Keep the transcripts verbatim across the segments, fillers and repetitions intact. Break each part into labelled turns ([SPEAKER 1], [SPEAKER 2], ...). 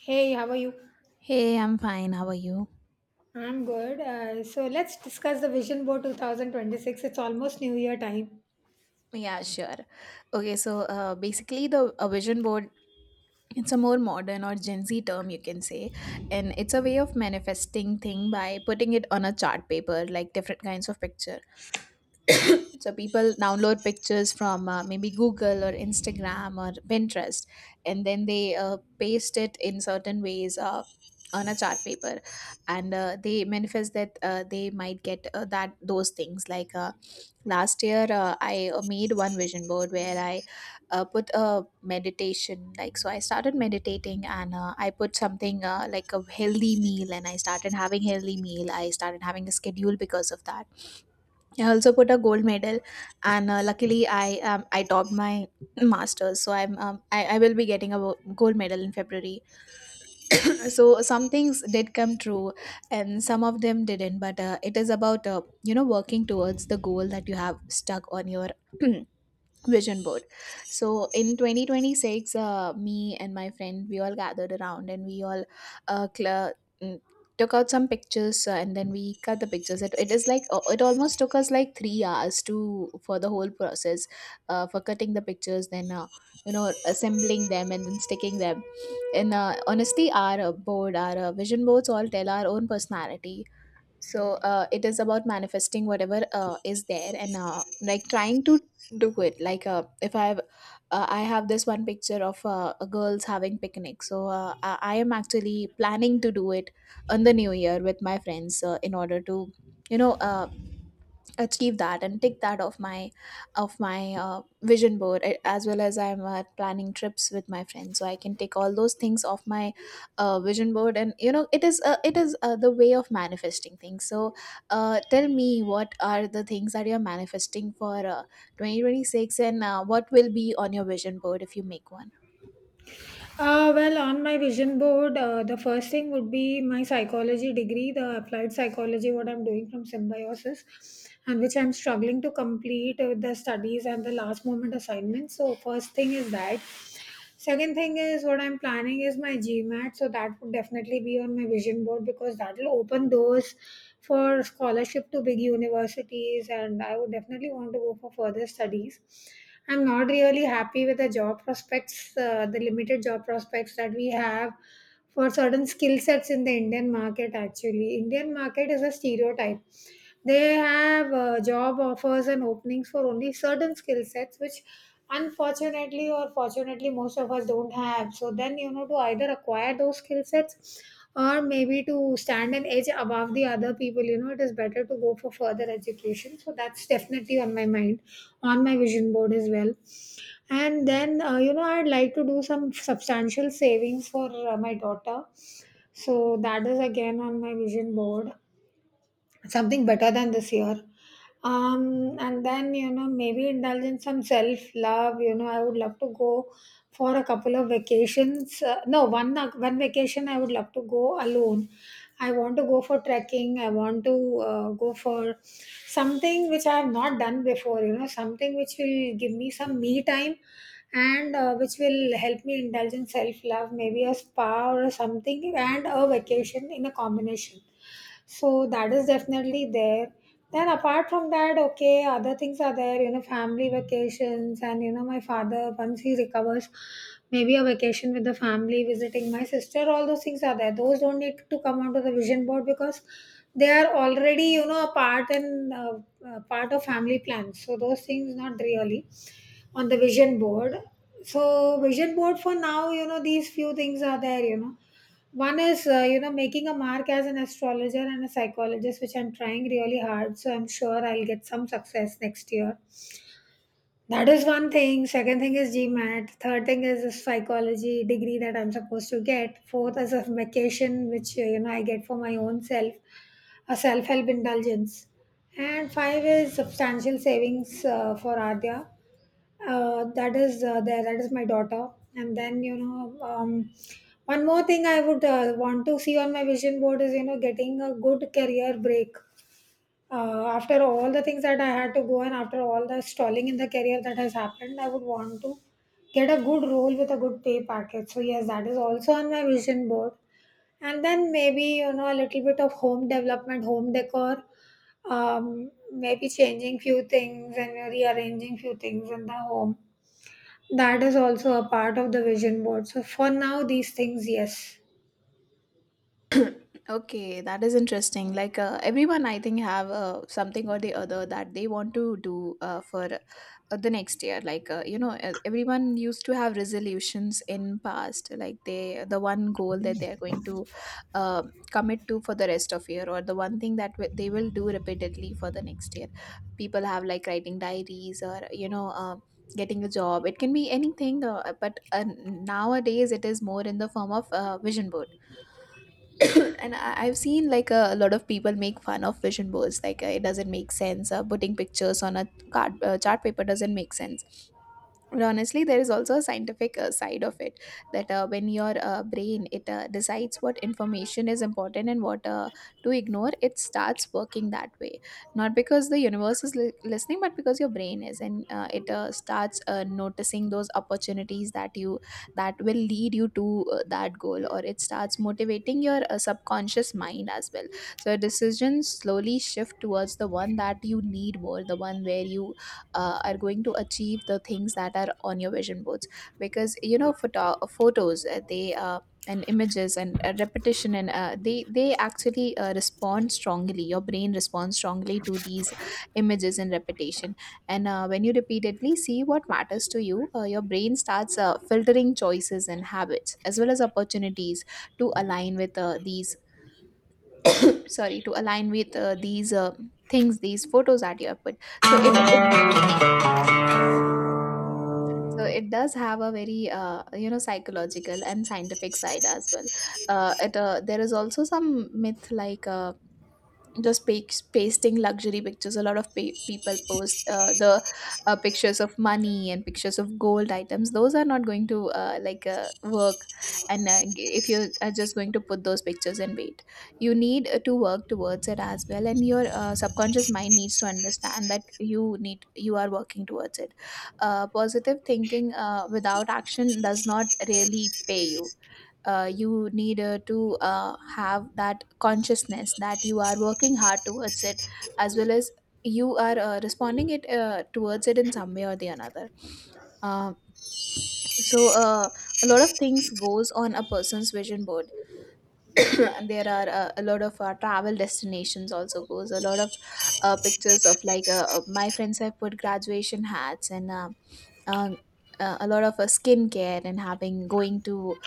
[SPEAKER 1] Hey, how are you?
[SPEAKER 2] Hey, I'm fine. How are you?
[SPEAKER 1] I'm good. Uh, so let's discuss the vision board twenty twenty-six. It's almost New Year time.
[SPEAKER 2] Yeah, sure. Okay, so uh, basically, the a vision board, it's a more modern or Gen Z term you can say, and it's a way of manifesting thing by putting it on a chart paper, like different kinds of picture. So people download pictures from uh, maybe Google or Instagram or Pinterest, and then they uh, paste it in certain ways, Uh, on a chart paper. And uh, they manifest that uh, they might get uh, that those things like uh, last year, uh, i uh, made one vision board where i uh, put a meditation, like, so I started meditating, and uh, I put something uh, like a healthy meal, and I started having healthy meal. I started having a schedule because of that. I also put a gold medal, and uh, luckily i um, I topped my masters, so i'm um, I, I will be getting a wo- gold medal in february. So some things did come true and some of them didn't, but uh, it is about, uh, you know, working towards the goal that you have stuck on your vision board. So in twenty twenty-six, uh, me and my friend, we all gathered around and we all uh, cl- mm, took out some pictures, uh, and then we cut the pictures. It, it is like, uh, it almost took us like three hours to for the whole process, uh, for cutting the pictures, then, uh, you know, assembling them and then sticking them. And uh, honestly, our uh, board our uh, vision boards all tell our own personality. So uh, it is about manifesting whatever uh, is there, and uh, like trying to do it, like, uh, if I have uh, I have this one picture of uh, a girls having picnic, so uh, i I am actually planning to do it on the new year with my friends uh, in order to, you know, uh, achieve that and tick that off my of my uh, vision board, a- as well as I'm uh, planning trips with my friends, so I can take all those things off my uh, vision board. And you know, it is uh, it is uh, the way of manifesting things. So uh, tell me, what are the things that you're manifesting for, uh, twenty twenty-six, and uh, what will be on your vision board if you make one?
[SPEAKER 1] Uh, well, on my vision board, uh, the first thing would be my psychology degree, the applied psychology, what I'm doing from Symbiosis, and which I'm struggling to complete with the studies and the last moment assignments. So, first thing is that. Second thing is what I'm planning is my GMAT, so that would definitely be on my vision board because that will open doors for scholarship to big universities, and I would definitely want to go for further studies. I'm not really happy with the job prospects, uh, the limited job prospects that we have for certain skill sets in the Indian market. Actually, Indian market is a stereotype, they have uh, job offers and openings for only certain skill sets, which unfortunately or fortunately most of us don't have. So then, you know, to either acquire those skill sets or maybe to stand an edge above the other people, you know, it is better to go for further education. So that's definitely on my mind, on my vision board as well. And then, uh, you know, I'd like to do some substantial savings for uh, my daughter. So that is again on my vision board, something better than this year. Um and then, you know, maybe indulge in some self love. You know, I would love to go for a couple of vacations. Uh, no one uh, One vacation I would love to go alone. I want to go for trekking. I want to uh, go for something which I have not done before, you know, something which will give me some me time and uh, which will help me indulge in self love, maybe a spa or something, and a vacation in a combination. So that is definitely there. Then apart from that, okay, other things are there, you know, family vacations and, you know, my father, once he recovers, maybe a vacation with the family, visiting my sister, all those things are there. Those don't need to come onto the vision board because they are already, you know, a part and uh, uh, part of family plans. So those things not really on the vision board. So vision board for now, you know, these few things are there, you know. One is, uh, you know, making a mark as an astrologer and a psychologist, which I'm trying really hard. So I'm sure I'll get some success next year. That is one thing. Second thing is GMAT. Third thing is the psychology degree that I'm supposed to get. Fourth is a vacation, which, uh, you know, I get for my own self, a self help indulgence. And five is substantial savings uh, for Adya, uh, that is uh, there. That is my daughter. And then, you know, um, one more thing I would uh, want to see on my vision board is, you know, getting a good career break. Uh, after all the things that I had to go and after all the stalling in the career that has happened, I would want to get a good role with a good pay package. So yes, that is also on my vision board. And then maybe, you know, a little bit of home development, home decor, um, maybe changing few things and rearranging few things in the home, that is also a part of the vision board. So for now, these things, yes.
[SPEAKER 2] Okay, that is interesting. Like, uh, everyone, I think, have uh, something or the other that they want to do uh, for, uh, the next year. Like, uh, you know, uh, everyone used to have resolutions in past. Like, they, the one goal that they are going to uh, commit to for the rest of year, or the one thing that w- they will do repeatedly for the next year. People have like writing diaries, or you know. Uh, getting a job, it can be anything, uh, but uh, nowadays it is more in the form of uh, vision board. And I, I've seen like a, a lot of people make fun of vision boards. Like, uh, it doesn't make sense. Uh, putting pictures on a card uh, chart paper doesn't make sense. But honestly, there is also a scientific uh, side of it, that uh, when your uh, brain, it uh, decides what information is important and what uh, to ignore, it starts working that way. Not because the universe is li- listening, but because your brain is. And uh, it uh, starts uh, noticing those opportunities that you that will lead you to uh, that goal, or it starts motivating your uh, subconscious mind as well. So decisions slowly shift towards the one that you need more, the one where you uh, are going to achieve the things that are on your vision boards. Because you know, photo- photos, uh, they uh, and images and, uh, repetition, and, uh, they they actually uh, respond strongly your brain responds strongly to these images and repetition. And uh, when you repeatedly see what matters to you, uh, your brain starts uh, filtering choices and habits as well as opportunities to align with, uh, these sorry to align with, uh, these uh, things, these photos that you have put. So it, it So it does have a very, uh, you know, psychological and scientific side as well. Uh, it uh, There is also some myth, like, uh, just pa- pasting luxury pictures. A lot of pa- people post uh, the uh, pictures of money and pictures of gold items. Those are not going to, uh, like uh, work. And uh, g- if you are just going to put those pictures and wait, you need uh, to work towards it as well. And your uh, subconscious mind needs to understand that you need you are working towards it. Uh, positive thinking uh, without action does not really pay you. Uh, you need uh, to uh, have that consciousness that you are working hard towards it, as well as you are, uh, responding it uh, towards it in some way or the another. Um so uh, a lot of things goes on a person's vision board. And there are, uh, a lot of uh, travel destinations also goes, a lot of uh, pictures of, like, uh, uh, my friends have put graduation hats, and, uh, uh, uh, a lot of uh, skincare, and having going to,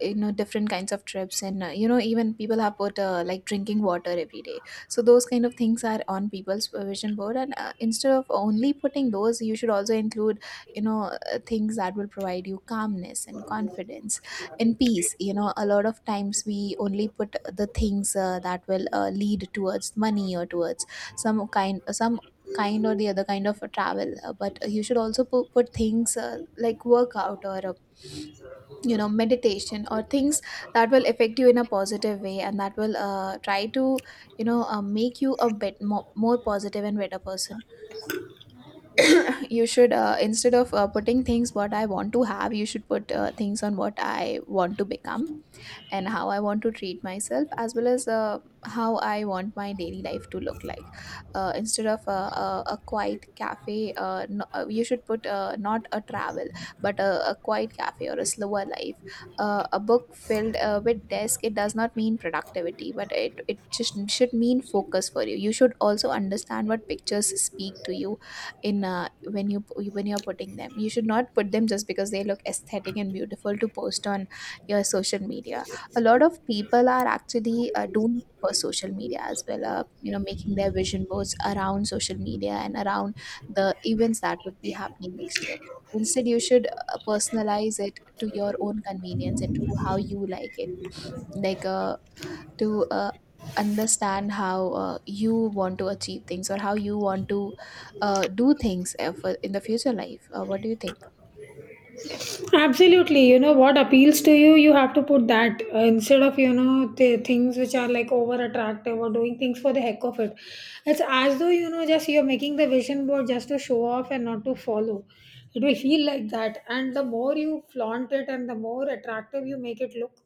[SPEAKER 2] you know, different kinds of trips. And, uh, you know, even people have put, uh, like drinking water every day. So those kind of things are on people's uh, vision board. And uh, instead of only putting those, you should also include, you know, uh, things that will provide you calmness and confidence and peace. You know, a lot of times we only put the things, uh, that will uh, lead towards money or towards some kind some kind or the other kind of a travel, uh, but you should also put, put things, uh, like workout or uh, you know, meditation, or things that will affect you in a positive way, and that will, uh, try to, you know, uh, make you a bit more, more positive and better person. You should, uh, instead of uh, putting things, what I want to have, you should put, uh, things on what I want to become, and how I want to treat myself, as well as, uh, how I want my daily life to look like. Uh, instead of a, a, a quiet cafe, uh, no, uh, you should put, uh, not a travel, but a, a quiet cafe, or a slower life. Uh, a book filled uh, with desk, it does not mean productivity, but it, it just should mean focus for you. You should also understand what pictures speak to you in, uh, when you when you're putting them. You should not put them just because they look aesthetic and beautiful to post on your social media. A lot of people are actually, uh, doing it for social media as well, uh, you know, making their vision boards around social media and around the events that would be happening next year. Instead, you should, uh, personalize it to your own convenience and to how you like it. Like uh, to uh, understand how, uh, you want to achieve things, or how you want to, uh, do things, uh, for in the future life. Uh, what do you think?
[SPEAKER 1] Absolutely. You know what appeals to you, you have to put that uh, instead of, you know, the things which are like over attractive or doing things for the heck of it. It's as though, you know, just you're making the vision board just to show off and not to follow. It will feel like that. And the more you flaunt it and the more attractive you make it look,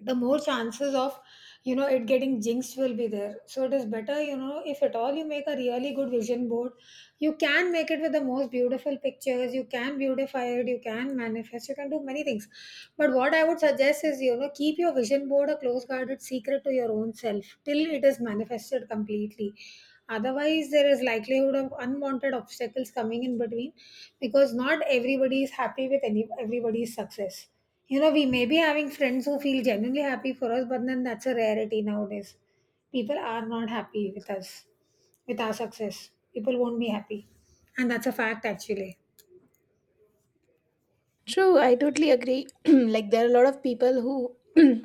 [SPEAKER 1] the more chances of, you know, it getting jinxed will be there. So it is better, you know, if at all you make a really good vision board, you can make it with the most beautiful pictures, you can beautify it, you can manifest, you can do many things, but what I would suggest is, you know, keep your vision board a close guarded secret to your own self till it is manifested completely. Otherwise there is likelihood of unwanted obstacles coming in between, because not everybody is happy with any, everybody's success. You know, we may be having friends who feel genuinely happy for us, but then that's a rarity nowadays. People are not happy with us, with our success. People won't be happy. And that's a fact, actually.
[SPEAKER 2] True, I totally agree. Like, there are a lot of people who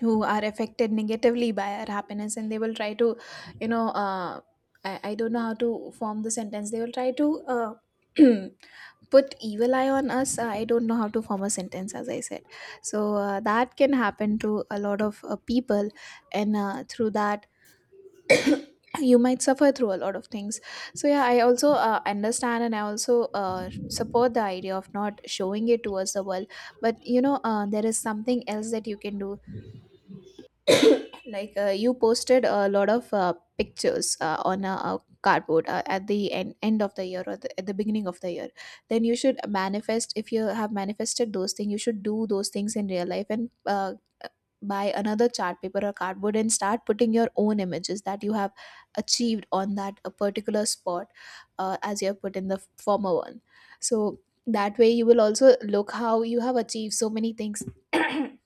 [SPEAKER 2] who are affected negatively by our happiness, and they will try to, you know, uh, I, I don't know how to form the sentence, they will try to, uh, put evil eye on us. Uh, I don't know how to form a sentence, as I said. So uh, that can happen to a lot of uh, people. And uh, through that, you might suffer through a lot of things. So yeah, I also, uh, understand, and I also, uh, support the idea of not showing it towards the world. But you know, uh, there is something else that you can do. Like, uh, you posted a lot of uh, pictures uh, on a, a cardboard, uh, at the end end of the year, or the, at the beginning of the year. Then you should manifest. If you have manifested those things, you should do those things in real life, and uh, buy another chart paper or cardboard, and start putting your own images that you have achieved on that a particular spot, uh, as you have put in the former one. So that way you will also look how you have achieved so many things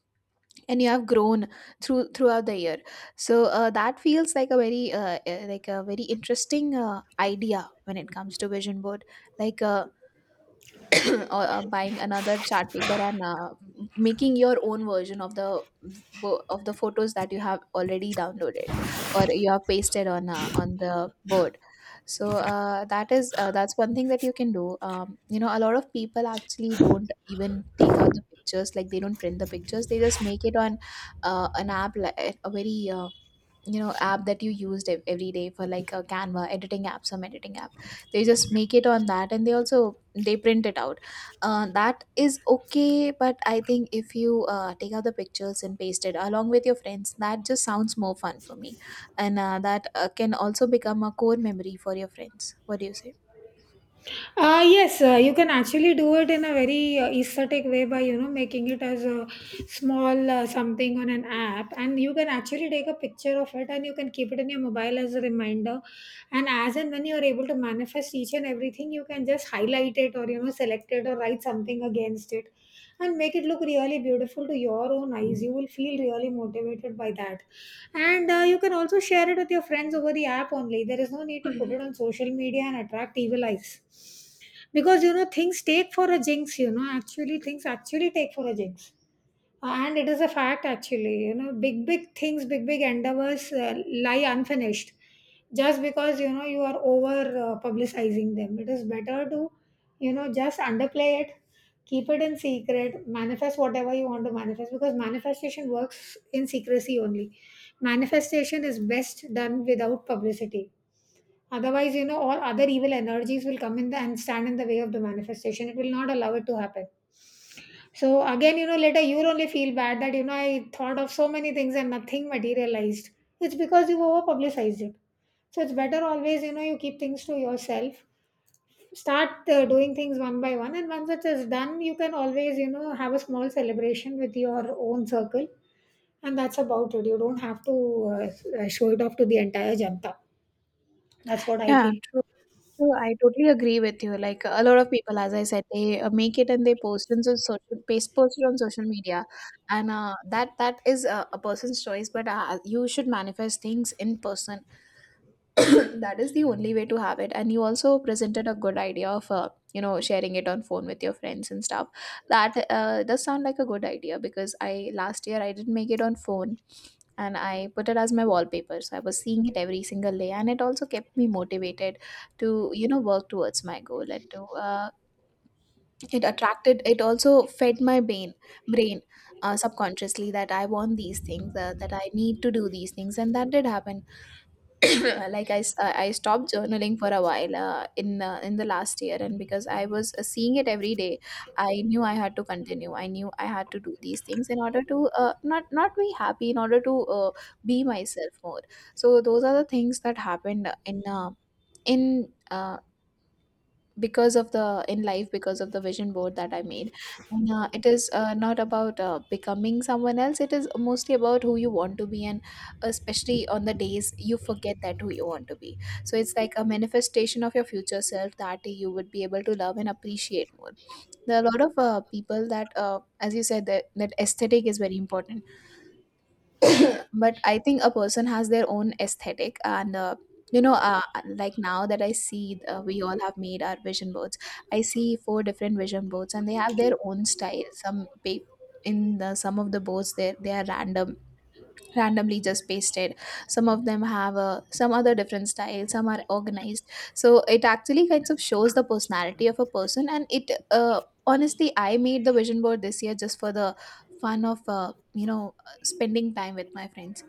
[SPEAKER 2] and you have grown through throughout the year. So uh, that feels like a very uh, uh, like a very interesting uh, idea when it comes to vision board, like uh, or uh, buying another chart paper and uh, making your own version of the bo- of the photos that you have already downloaded, or you have pasted on uh, on the board. So uh, that is uh, that's one thing that you can do. Um, you know a lot of people actually don't even take out the pictures, like they don't print the pictures, they just make it on uh, an app, like a very uh, you know app that you used ev- every day, for like a Canva editing app, some editing app. They just make it on that, and they also they print it out. Uh, that is okay, but I think if you uh, take out the pictures and paste it along with your friends, that just sounds more fun for me. And uh, that uh, can also become a core memory for your friends. What do you say?
[SPEAKER 1] Uh, yes, uh, you can actually do it in a very uh, aesthetic way by, you know, making it as a small uh, something on an app, and you can actually take a picture of it and you can keep it in your mobile as a reminder. And as and when you are able to manifest each and everything, you can just highlight it or, you know, select it or write something against it, and make it look really beautiful to your own eyes. You will feel really motivated by that, and uh, you can also share it with your friends over the app only. There is no need to put it on social media and attract evil eyes. Because, you know, things take for a jinx, you know, actually, things actually take for a jinx. Uh, and it is a fact, actually, you know, big, big things, big, big endeavors uh, lie unfinished just because, you know, you are over uh, publicizing them. It is better to, you know, just underplay it, keep it in secret, manifest whatever you want to manifest, because manifestation works in secrecy only. Manifestation is best done without publicity. Otherwise, you know, all other evil energies will come in the, and stand in the way of the manifestation. It will not allow it to happen. So again, you know, later you'll only feel bad that, you know, I thought of so many things and nothing materialized. It's because you over publicized it. So it's better always, you know, you keep things to yourself. Start uh, doing things one by one. And once it is done, you can always, you know, have a small celebration with your own circle. And that's about it. You don't have to uh, show it off to the entire janta. That's what I
[SPEAKER 2] Yeah,
[SPEAKER 1] feel.
[SPEAKER 2] true. True, I totally agree with you. Like a lot of people, as I said, they uh, make it and they post it on social, paste post it on social media. And uh, that that is a, a person's choice. But uh, you should manifest things in person. That is the only way to have it. And you also presented a good idea of uh, you know, sharing it on phone with your friends and stuff. That uh, does sound like a good idea, because I last year I didn't make it on phone, and I put it as my wallpaper. So I was seeing it every single day, and it also kept me motivated to you know work towards my goal, and to uh, it attracted. It also fed my brain brain uh, subconsciously, that I want these things, uh, that I need to do these things, and that did happen. Like I, s- uh, I stopped journaling for a while uh, in uh, in the last year, and because I was uh, seeing it every day, I knew I had to continue, I knew I had to do these things, in order to uh, not not be happy, in order to uh, be myself more. So those are the things that happened in uh, in uh, because of the in life, because of the vision board that I made. And uh, it is uh, not about uh, becoming someone else, it is mostly about who you want to be, and especially on the days you forget that who you want to be. So it's like a manifestation of your future self that you would be able to love and appreciate more. There are a lot of uh, people that, uh, as you said, that, that aesthetic is very important. But I think a person has their own aesthetic, and uh, you know uh, like now that I see, uh, we all have made our vision boards. I see four different vision boards and they have their own style. Some pa- in the, some of the boards, they they are random randomly just pasted. Some of them have a some other different style, some are organized. So it actually kind of shows the personality of a person. And it, uh, honestly, I made the vision board this year just for the fun of, uh, you know spending time with my friends.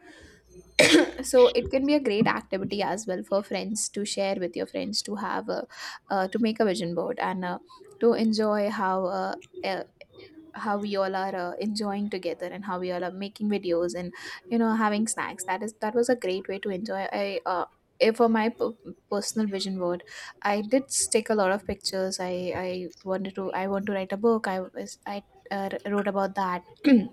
[SPEAKER 2] So it can be a great activity as well, for friends to share with your friends, to have a, uh, to make a vision board and uh, to enjoy how uh, uh, how we all are uh, enjoying together, and how we all are making videos and, you know having snacks. That is that was a great way to enjoy. I uh, eh, for my p- personal vision board, I did take a lot of pictures. I i wanted to i want to write a book. I was I uh, Wrote about that.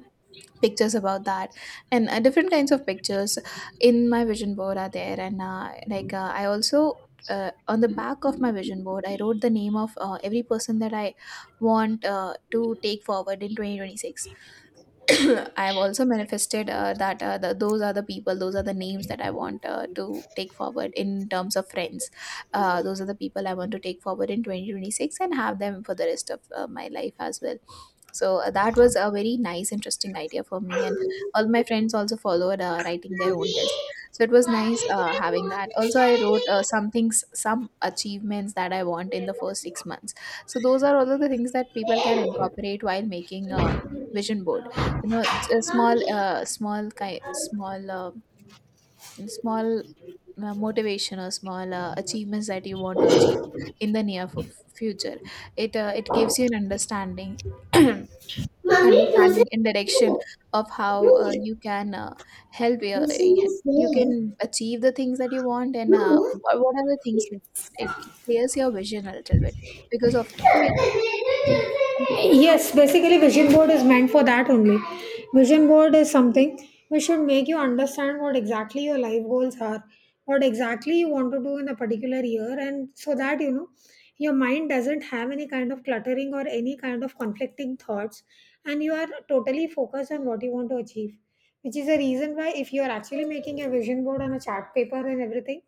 [SPEAKER 2] Pictures about that. And uh, different kinds of pictures in my vision board are there. And uh, like uh, I also, uh, on the back of my vision board, I wrote the name of uh, every person that I want, uh, to take forward in twenty twenty-six. I've also manifested, uh, that, uh, the, those are the people, those are the names that I want, uh, to take forward in terms of friends. Uh, those are the people I want to take forward in twenty twenty-six and have them for the rest of uh, my life as well. So uh, that was a very nice, interesting idea for me, and all my friends also followed, uh, writing their own list. So it was nice, uh, having that. Also, I wrote uh, some things, some achievements that I want in the first six months. So those are all of the things that people can incorporate while making a vision board. you know a small uh, small kind small uh, small uh, motivation, or small uh, achievements that you want to achieve in the near f- future. It uh, it gives you an understanding, understanding and direction, of how uh, you can, uh, help your, eh, you can achieve the things that you want, and uh, what, what are the things you want. It clears your vision a little bit, because often we are, you know,
[SPEAKER 1] Yes, basically, vision board is meant for that only. Vision board is something which should make you understand what exactly your life goals are, what exactly you want to do in a particular year, and so that, you know, your mind doesn't have any kind of cluttering or any kind of conflicting thoughts, and you are totally focused on what you want to achieve. Which is the reason why, if you are actually making a vision board on a chart paper and everything,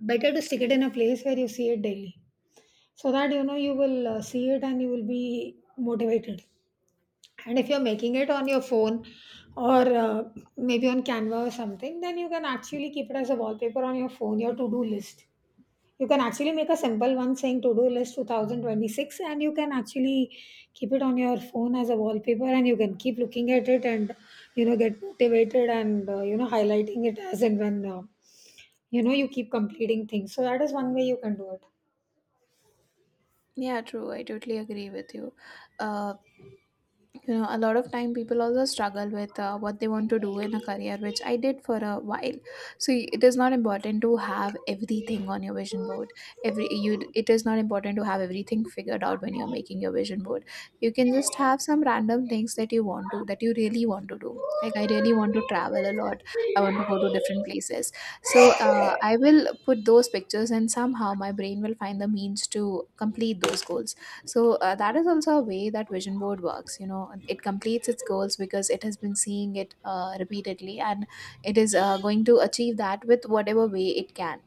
[SPEAKER 1] better to stick it in a place where you see it daily, so that, you know, you will uh, see it and you will be motivated. And if you're making it on your phone or uh, maybe on Canva or something, then you can actually keep it as a wallpaper on your phone. Your to-do list, you can actually make a simple one saying to-do list two thousand twenty-six, and you can actually keep it on your phone as a wallpaper, and you can keep looking at it and, you know, get motivated and, uh, you know, highlighting it as and when, uh, you know, you keep completing things. So that is one way you can do it.
[SPEAKER 2] yeah, true. I totally agree with you. Uh, you know A lot of time people also struggle with uh, what they want to do in a career, which I did for a while. So y- it is not important to have everything on your vision board. Every you d- it is not important to have everything figured out when you're making your vision board. You can just have some random things, that you want to that you really want to do. Like I really want to travel a lot, I want to go to different places. So uh, I will put those pictures and somehow my brain will find the means to complete those goals. So uh, that is also a way that vision board works. You know, it completes its goals because it has been seeing it uh, repeatedly, and it is uh, going to achieve that with whatever way it can.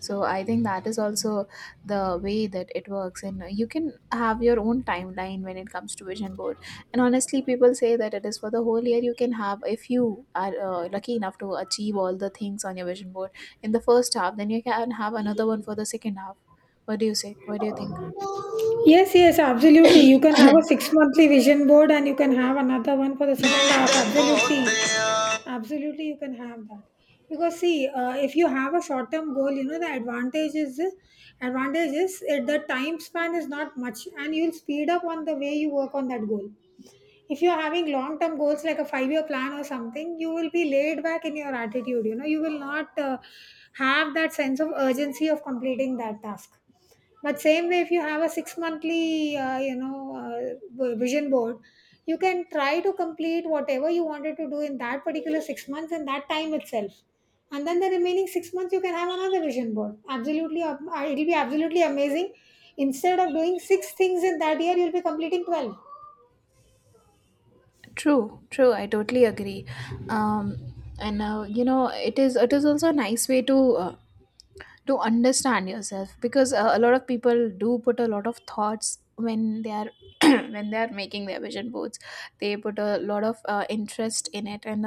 [SPEAKER 2] So I think that is also the way that it works, and you can have your own timeline when it comes to vision board. And honestly, people say that it is for the whole year. You can have If you are uh, lucky enough to achieve all the things on your vision board in the first half, then you can have another one for the second half. What do you say? What do you think?
[SPEAKER 1] Yes, yes, absolutely. You can have a six monthly vision board and you can have another one for the second half. Absolutely. Absolutely, you can have that. Because see, uh, if you have a short term goal, you know, the advantage is, advantage is uh, the time span is not much and you'll speed up on the way you work on that goal. If you're having long term goals like a five year plan or something, you will be laid back in your attitude. You know, you will not uh, have that sense of urgency of completing that task. But same way, if you have a six monthly, uh, you know, uh, v- vision board, you can try to complete whatever you wanted to do in that particular six months in that time itself. And then the remaining six months, you can have another vision board. Absolutely, ab- uh, it'll be absolutely amazing. Instead of doing six things in that year, you'll be completing twelve.
[SPEAKER 2] True, true. I totally agree. Um, and uh, you know, it is it is also a nice way to uh, to understand yourself, because uh, a lot of people do put a lot of thoughts when they are when they are making their vision boards. They put a lot of uh, interest in it, and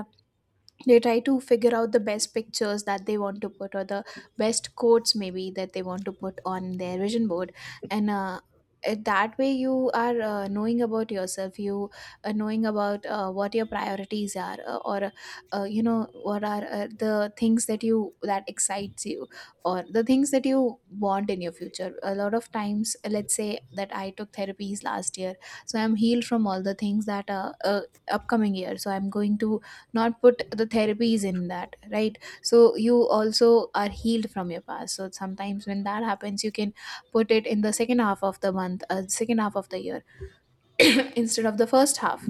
[SPEAKER 2] they try to figure out the best pictures that they want to put, or the best quotes maybe that they want to put on their vision board. And uh, it- that way you are, uh, knowing about yourself, you are knowing about uh, what your priorities are, uh, or uh, you know what are uh, the things that you that excites you, or the things that you want in your future. A lot of times, let's say that I took therapies last year, so I'm healed from all the things, that uh, uh, upcoming year, so I'm going to not put the therapies in that, right? So you also are healed from your past, so sometimes when that happens you can put it in the second half of the month uh, second half of the year, instead of the first half.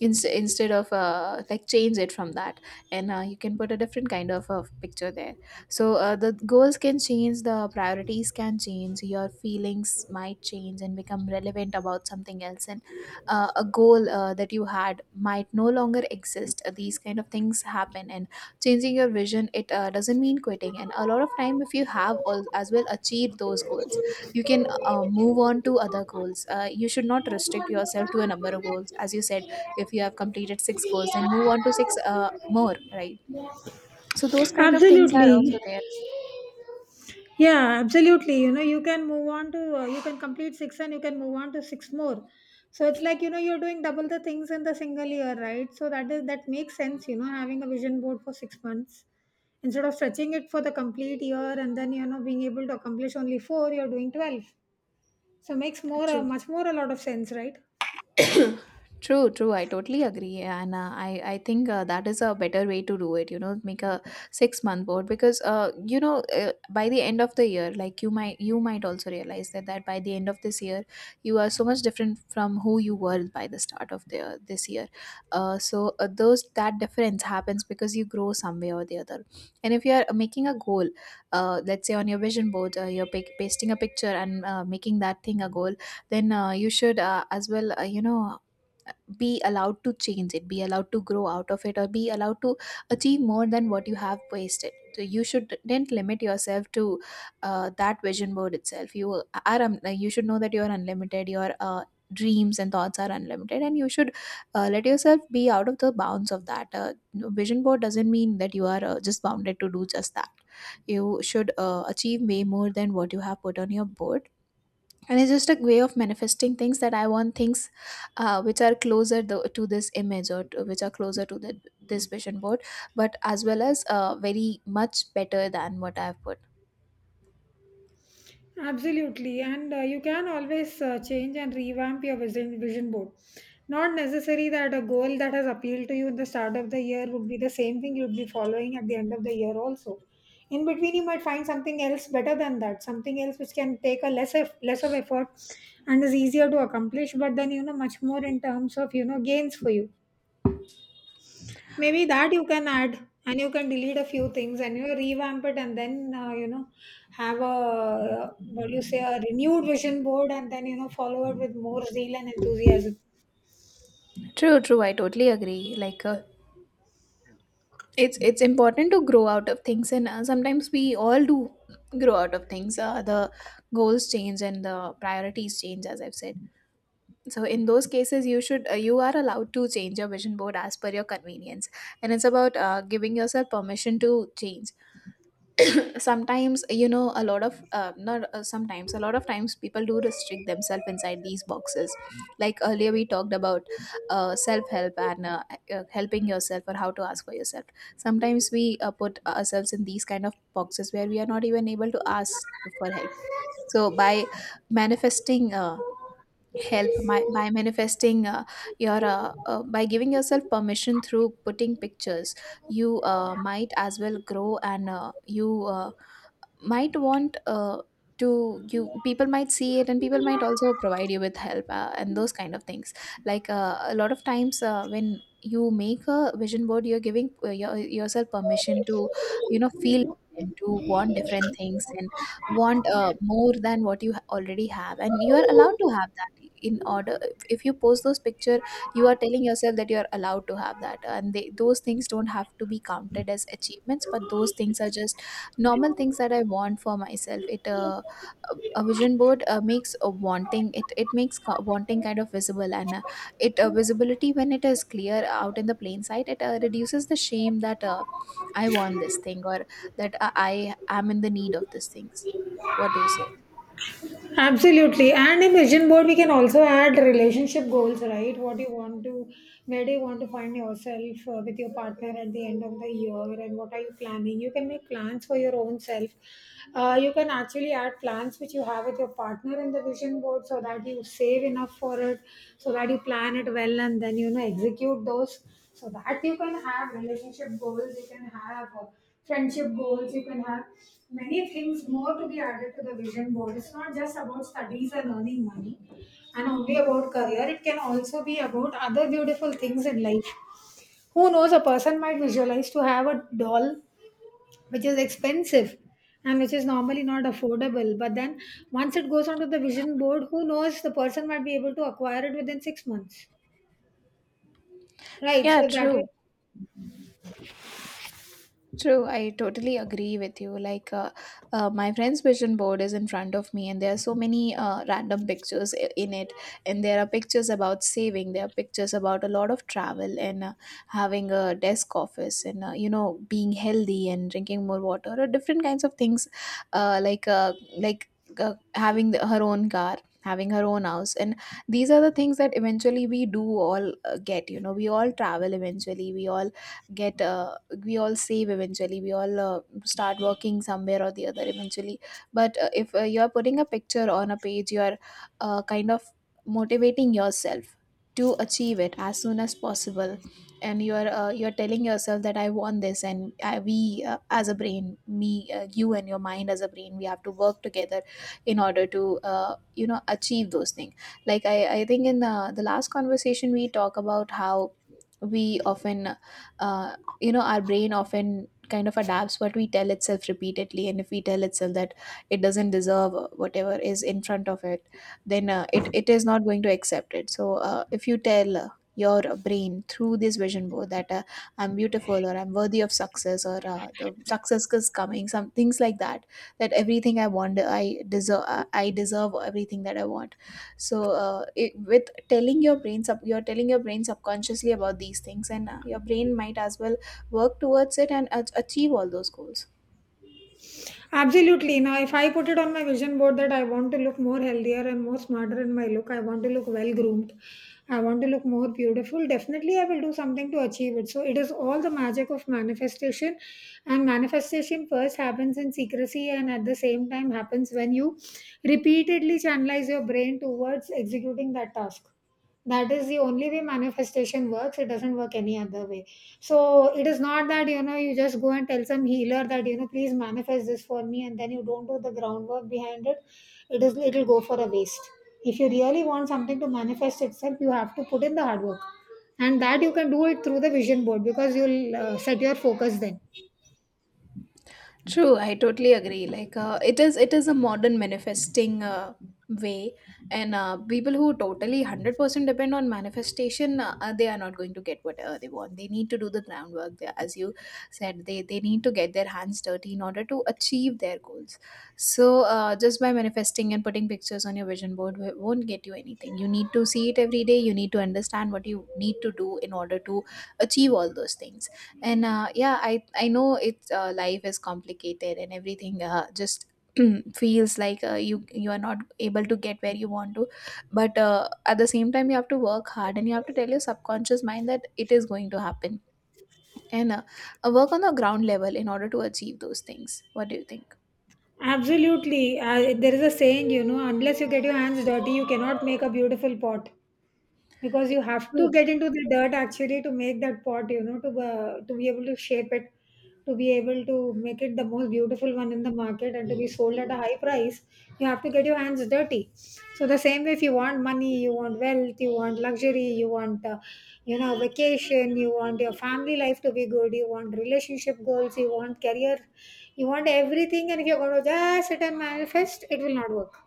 [SPEAKER 2] Inst- instead of uh, like, change it from that, and uh, you can put a different kind of uh, picture there. So uh, the goals can change, the priorities can change, your feelings might change and become relevant about something else, and uh, a goal, uh, that you had might no longer exist. Uh, these kind of things happen, and changing your vision, it uh, doesn't mean quitting. And a lot of time, if you have all as well achieved those goals, you can uh, move on to other goals. Uh, you should not restrict yourself to a number of goals, as you said. If you have completed six goals, then move on to six uh, more, right? So those kind of things are
[SPEAKER 1] Absolutely.
[SPEAKER 2] also there.
[SPEAKER 1] Yeah, absolutely. You know, you can move on to, uh, you can complete six and you can move on to six more. So it's like, you know, you're doing double the things in the single year, right? So that is, that makes sense, you know, having a vision board for six months instead of stretching it for the complete year and then, you know, being able to accomplish only four, you're doing twelve. So makes more, uh,
[SPEAKER 2] True.
[SPEAKER 1] much more a lot of sense, right?
[SPEAKER 2] True, true. I totally agree, and uh, I I think uh, that is a better way to do it. You know, make a six month board because uh, you know uh, by the end of the year, like you might you might also realize that that by the end of this year, you are so much different from who you were by the start of the this year. Uh, so uh, those that difference happens because you grow some way or the other. And if you are making a goal, uh, let's say on your vision board, uh, you're pic- pasting a picture and uh, making that thing a goal, then uh, you should uh, as well uh, you know be allowed to change it, be allowed to grow out of it, or be allowed to achieve more than what you have wasted. So you shouldn't limit yourself to uh, that vision board itself. You are um, you should know that you are unlimited. Your uh, dreams and thoughts are unlimited and you should uh, let yourself be out of the bounds of that. Uh, no, vision board doesn't mean that you are uh, just bounded to do just that. You should uh, achieve way more than what you have put on your board, and it's just a way of manifesting things that I want. Things uh, which are closer tho- to this image, or to, which are closer to the, this vision board, but as well as uh, very much better than what I've put.
[SPEAKER 1] Absolutely, and uh, you can always uh, change and revamp your vision, vision board. Not necessary that a goal that has appealed to you in the start of the year would be the same thing you'd be following at the end of the year, also. In between, you might find something else better than that, something else which can take a less of, less of effort and is easier to accomplish, but then you know much more in terms of you know gains for you. Maybe that you can add and you can delete a few things and you know, revamp it and then uh, you know have a what do you say a renewed vision board and then you know follow it with more zeal and enthusiasm.
[SPEAKER 2] True, true, I totally agree. Like uh, it's it's important to grow out of things, and uh, sometimes we all do grow out of things uh, the goals change and the priorities change, as I've said. So in those cases, you should uh, you are allowed to change your vision board as per your convenience. And it's about uh, giving yourself permission to change. Sometimes, you know, a lot of uh, not uh, sometimes a lot of times, people do restrict themselves inside these boxes. Like earlier, we talked about uh, self help and uh, uh, helping yourself, or how to ask for yourself. Sometimes we uh, put ourselves in these kind of boxes where we are not even able to ask for help. So by manifesting uh, help my, by manifesting uh, your uh, uh, by giving yourself permission through putting pictures, you uh, might as well grow, and uh, you uh, might want uh, to you people might see it, and people might also provide you with help, uh, and those kind of things. Like uh, a lot of times, uh, when you make a vision board, you're giving uh, your, yourself permission to, you know, feel and to want different things, and want uh, more than what you ha- already have. And you are allowed to have that in order. If you post those picture, you are telling yourself that you are allowed to have that. And they, those things don't have to be counted as achievements, but those things are just normal things that I want for myself. It uh, a a vision board uh, makes a wanting, it it makes co- wanting kind of visible. And uh, it uh, visibility, when it is clear out in the plain sight, it uh, reduces the shame that uh, I want this thing, or that I, I am in the need of these things. What do you say?
[SPEAKER 1] Absolutely. And in vision board, we can also add relationship goals, right? What you want to, where do you want to find yourself uh, with your partner at the end of the year, and what are you planning? You can make plans for your own self. Uh, you can actually add plans which you have with your partner in the vision board so that you save enough for it, so that you plan it well and then, you know, execute those. So that you can have relationship goals, you can have. Uh, friendship goals you can have many things more to be added to the vision board. It's not just about studies and earning money and only about career. It can also be about other beautiful things in life. Who knows, a person might visualize to have a doll which is expensive and which is normally not affordable, but then once it goes onto the vision board, who knows, the person might be able to acquire it within six months, right? So
[SPEAKER 2] Yeah,
[SPEAKER 1] that way.
[SPEAKER 2] true. True, I totally agree with you. Like, uh, uh, my friend's vision board is in front of me, and there are so many uh, random pictures i- in it. And there are pictures about saving, there are pictures about a lot of travel and uh, having a desk office, and, uh, you know, being healthy and drinking more water, or different kinds of things, uh, like uh, like uh, having the, her own car. Having her own house. And these are the things that eventually we do all uh, get. You know, we all travel eventually. We all get. Uh, we all save eventually. We all uh, start working somewhere or the other eventually. But uh, if uh, you're putting a picture on a page, you're uh, kind of motivating yourself to achieve it as soon as possible. And you're uh, you're telling yourself that I want this. And I, we, uh, as a brain, me uh, you and your mind as a brain, we have to work together in order to, uh, you know, achieve those things. Like i, I think in the the last conversation, we talk about how we often uh, you know, our brain often kind of adapts what we tell itself repeatedly. And if we tell itself that it doesn't deserve whatever is in front of it, then uh, it, it is not going to accept it. So uh, if you tell uh, your brain through this vision board that uh, I'm beautiful, or I'm worthy of success, or uh, the success is coming, some things like that. That everything I want, I deserve. I I deserve everything that I want. So uh, it, with telling your brain sub, you're telling your brain subconsciously about these things. And uh, your brain might as well work towards it, and a- achieve all those goals.
[SPEAKER 1] Absolutely. Now, if I put it on my vision board that I want to look more healthier and more smarter in my look, I want to look well groomed, I want to look more beautiful, definitely I will do something to achieve it. So, it is all the magic of manifestation. And manifestation first happens in secrecy and at the same time happens when you repeatedly channelize your brain towards executing that task. That is the only way manifestation works. It doesn't work any other way. So it is not that you know you just go and tell some healer that you know please manifest this for me, and then you don't do the groundwork behind it. It is it'll go for a waste. If you really want something to manifest itself, you have to put in the hard work, and that you can do it through the vision board because you'll uh, set your focus then.
[SPEAKER 2] True, I totally agree. Like uh, it is, it is a modern manifesting uh, way, and uh, people who totally hundred percent depend on manifestation, uh, uh, they are not going to get what uh, they want. They need to do the groundwork, they, as you said. They they need to get their hands dirty in order to achieve their goals. So uh, just by manifesting and putting pictures on your vision board, w- won't get you anything. You need to see it every day. You need to understand what you need to do in order to achieve all those things. And uh, yeah, i i know it's uh, life is complicated, and everything uh, just feels like uh, you, you are not able to get where you want to. But uh, at the same time, you have to work hard and you have to tell your subconscious mind that it is going to happen. And uh, uh, work on the ground level in order to achieve those things. What do you think?
[SPEAKER 1] Absolutely, uh, there is a saying you know unless you get your hands dirty, you cannot make a beautiful pot. Because you have to
[SPEAKER 2] Cool.
[SPEAKER 1] get into the dirt actually to make that pot, you know, to uh, to be able to shape it, to be able to make it the most beautiful one in the market and to be sold at a high price, you have to get your hands dirty. So the same way if you want money, you want wealth, you want luxury, you want uh, you know vacation, you want your family life to be good, you want relationship goals, you want career, you want everything, and if you're going to just sit and manifest, it will not work.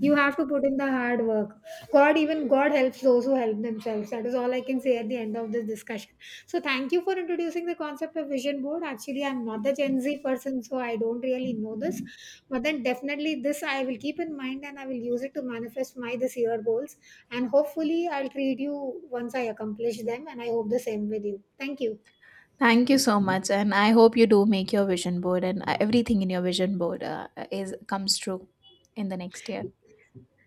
[SPEAKER 1] You have to put in the hard work. God, even God helps those who help themselves. That is all I can say at the end of this discussion. So, thank you for introducing the concept of vision board. Actually, I'm not the Gen Z person, so I don't really know this. But then, definitely, this I will keep in mind and I will use it to manifest my this year goals. And hopefully, I'll treat you once I accomplish them. And I hope the same with you. Thank you.
[SPEAKER 2] Thank you so much, and I hope you do make your vision board, and uh, everything in your vision board uh, is comes true in the next year.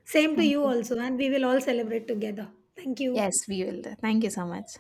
[SPEAKER 1] Same to
[SPEAKER 2] Thank
[SPEAKER 1] you
[SPEAKER 2] you.
[SPEAKER 1] also. And we will all celebrate together. Thank you.
[SPEAKER 2] Yes, we will. Thank you so much.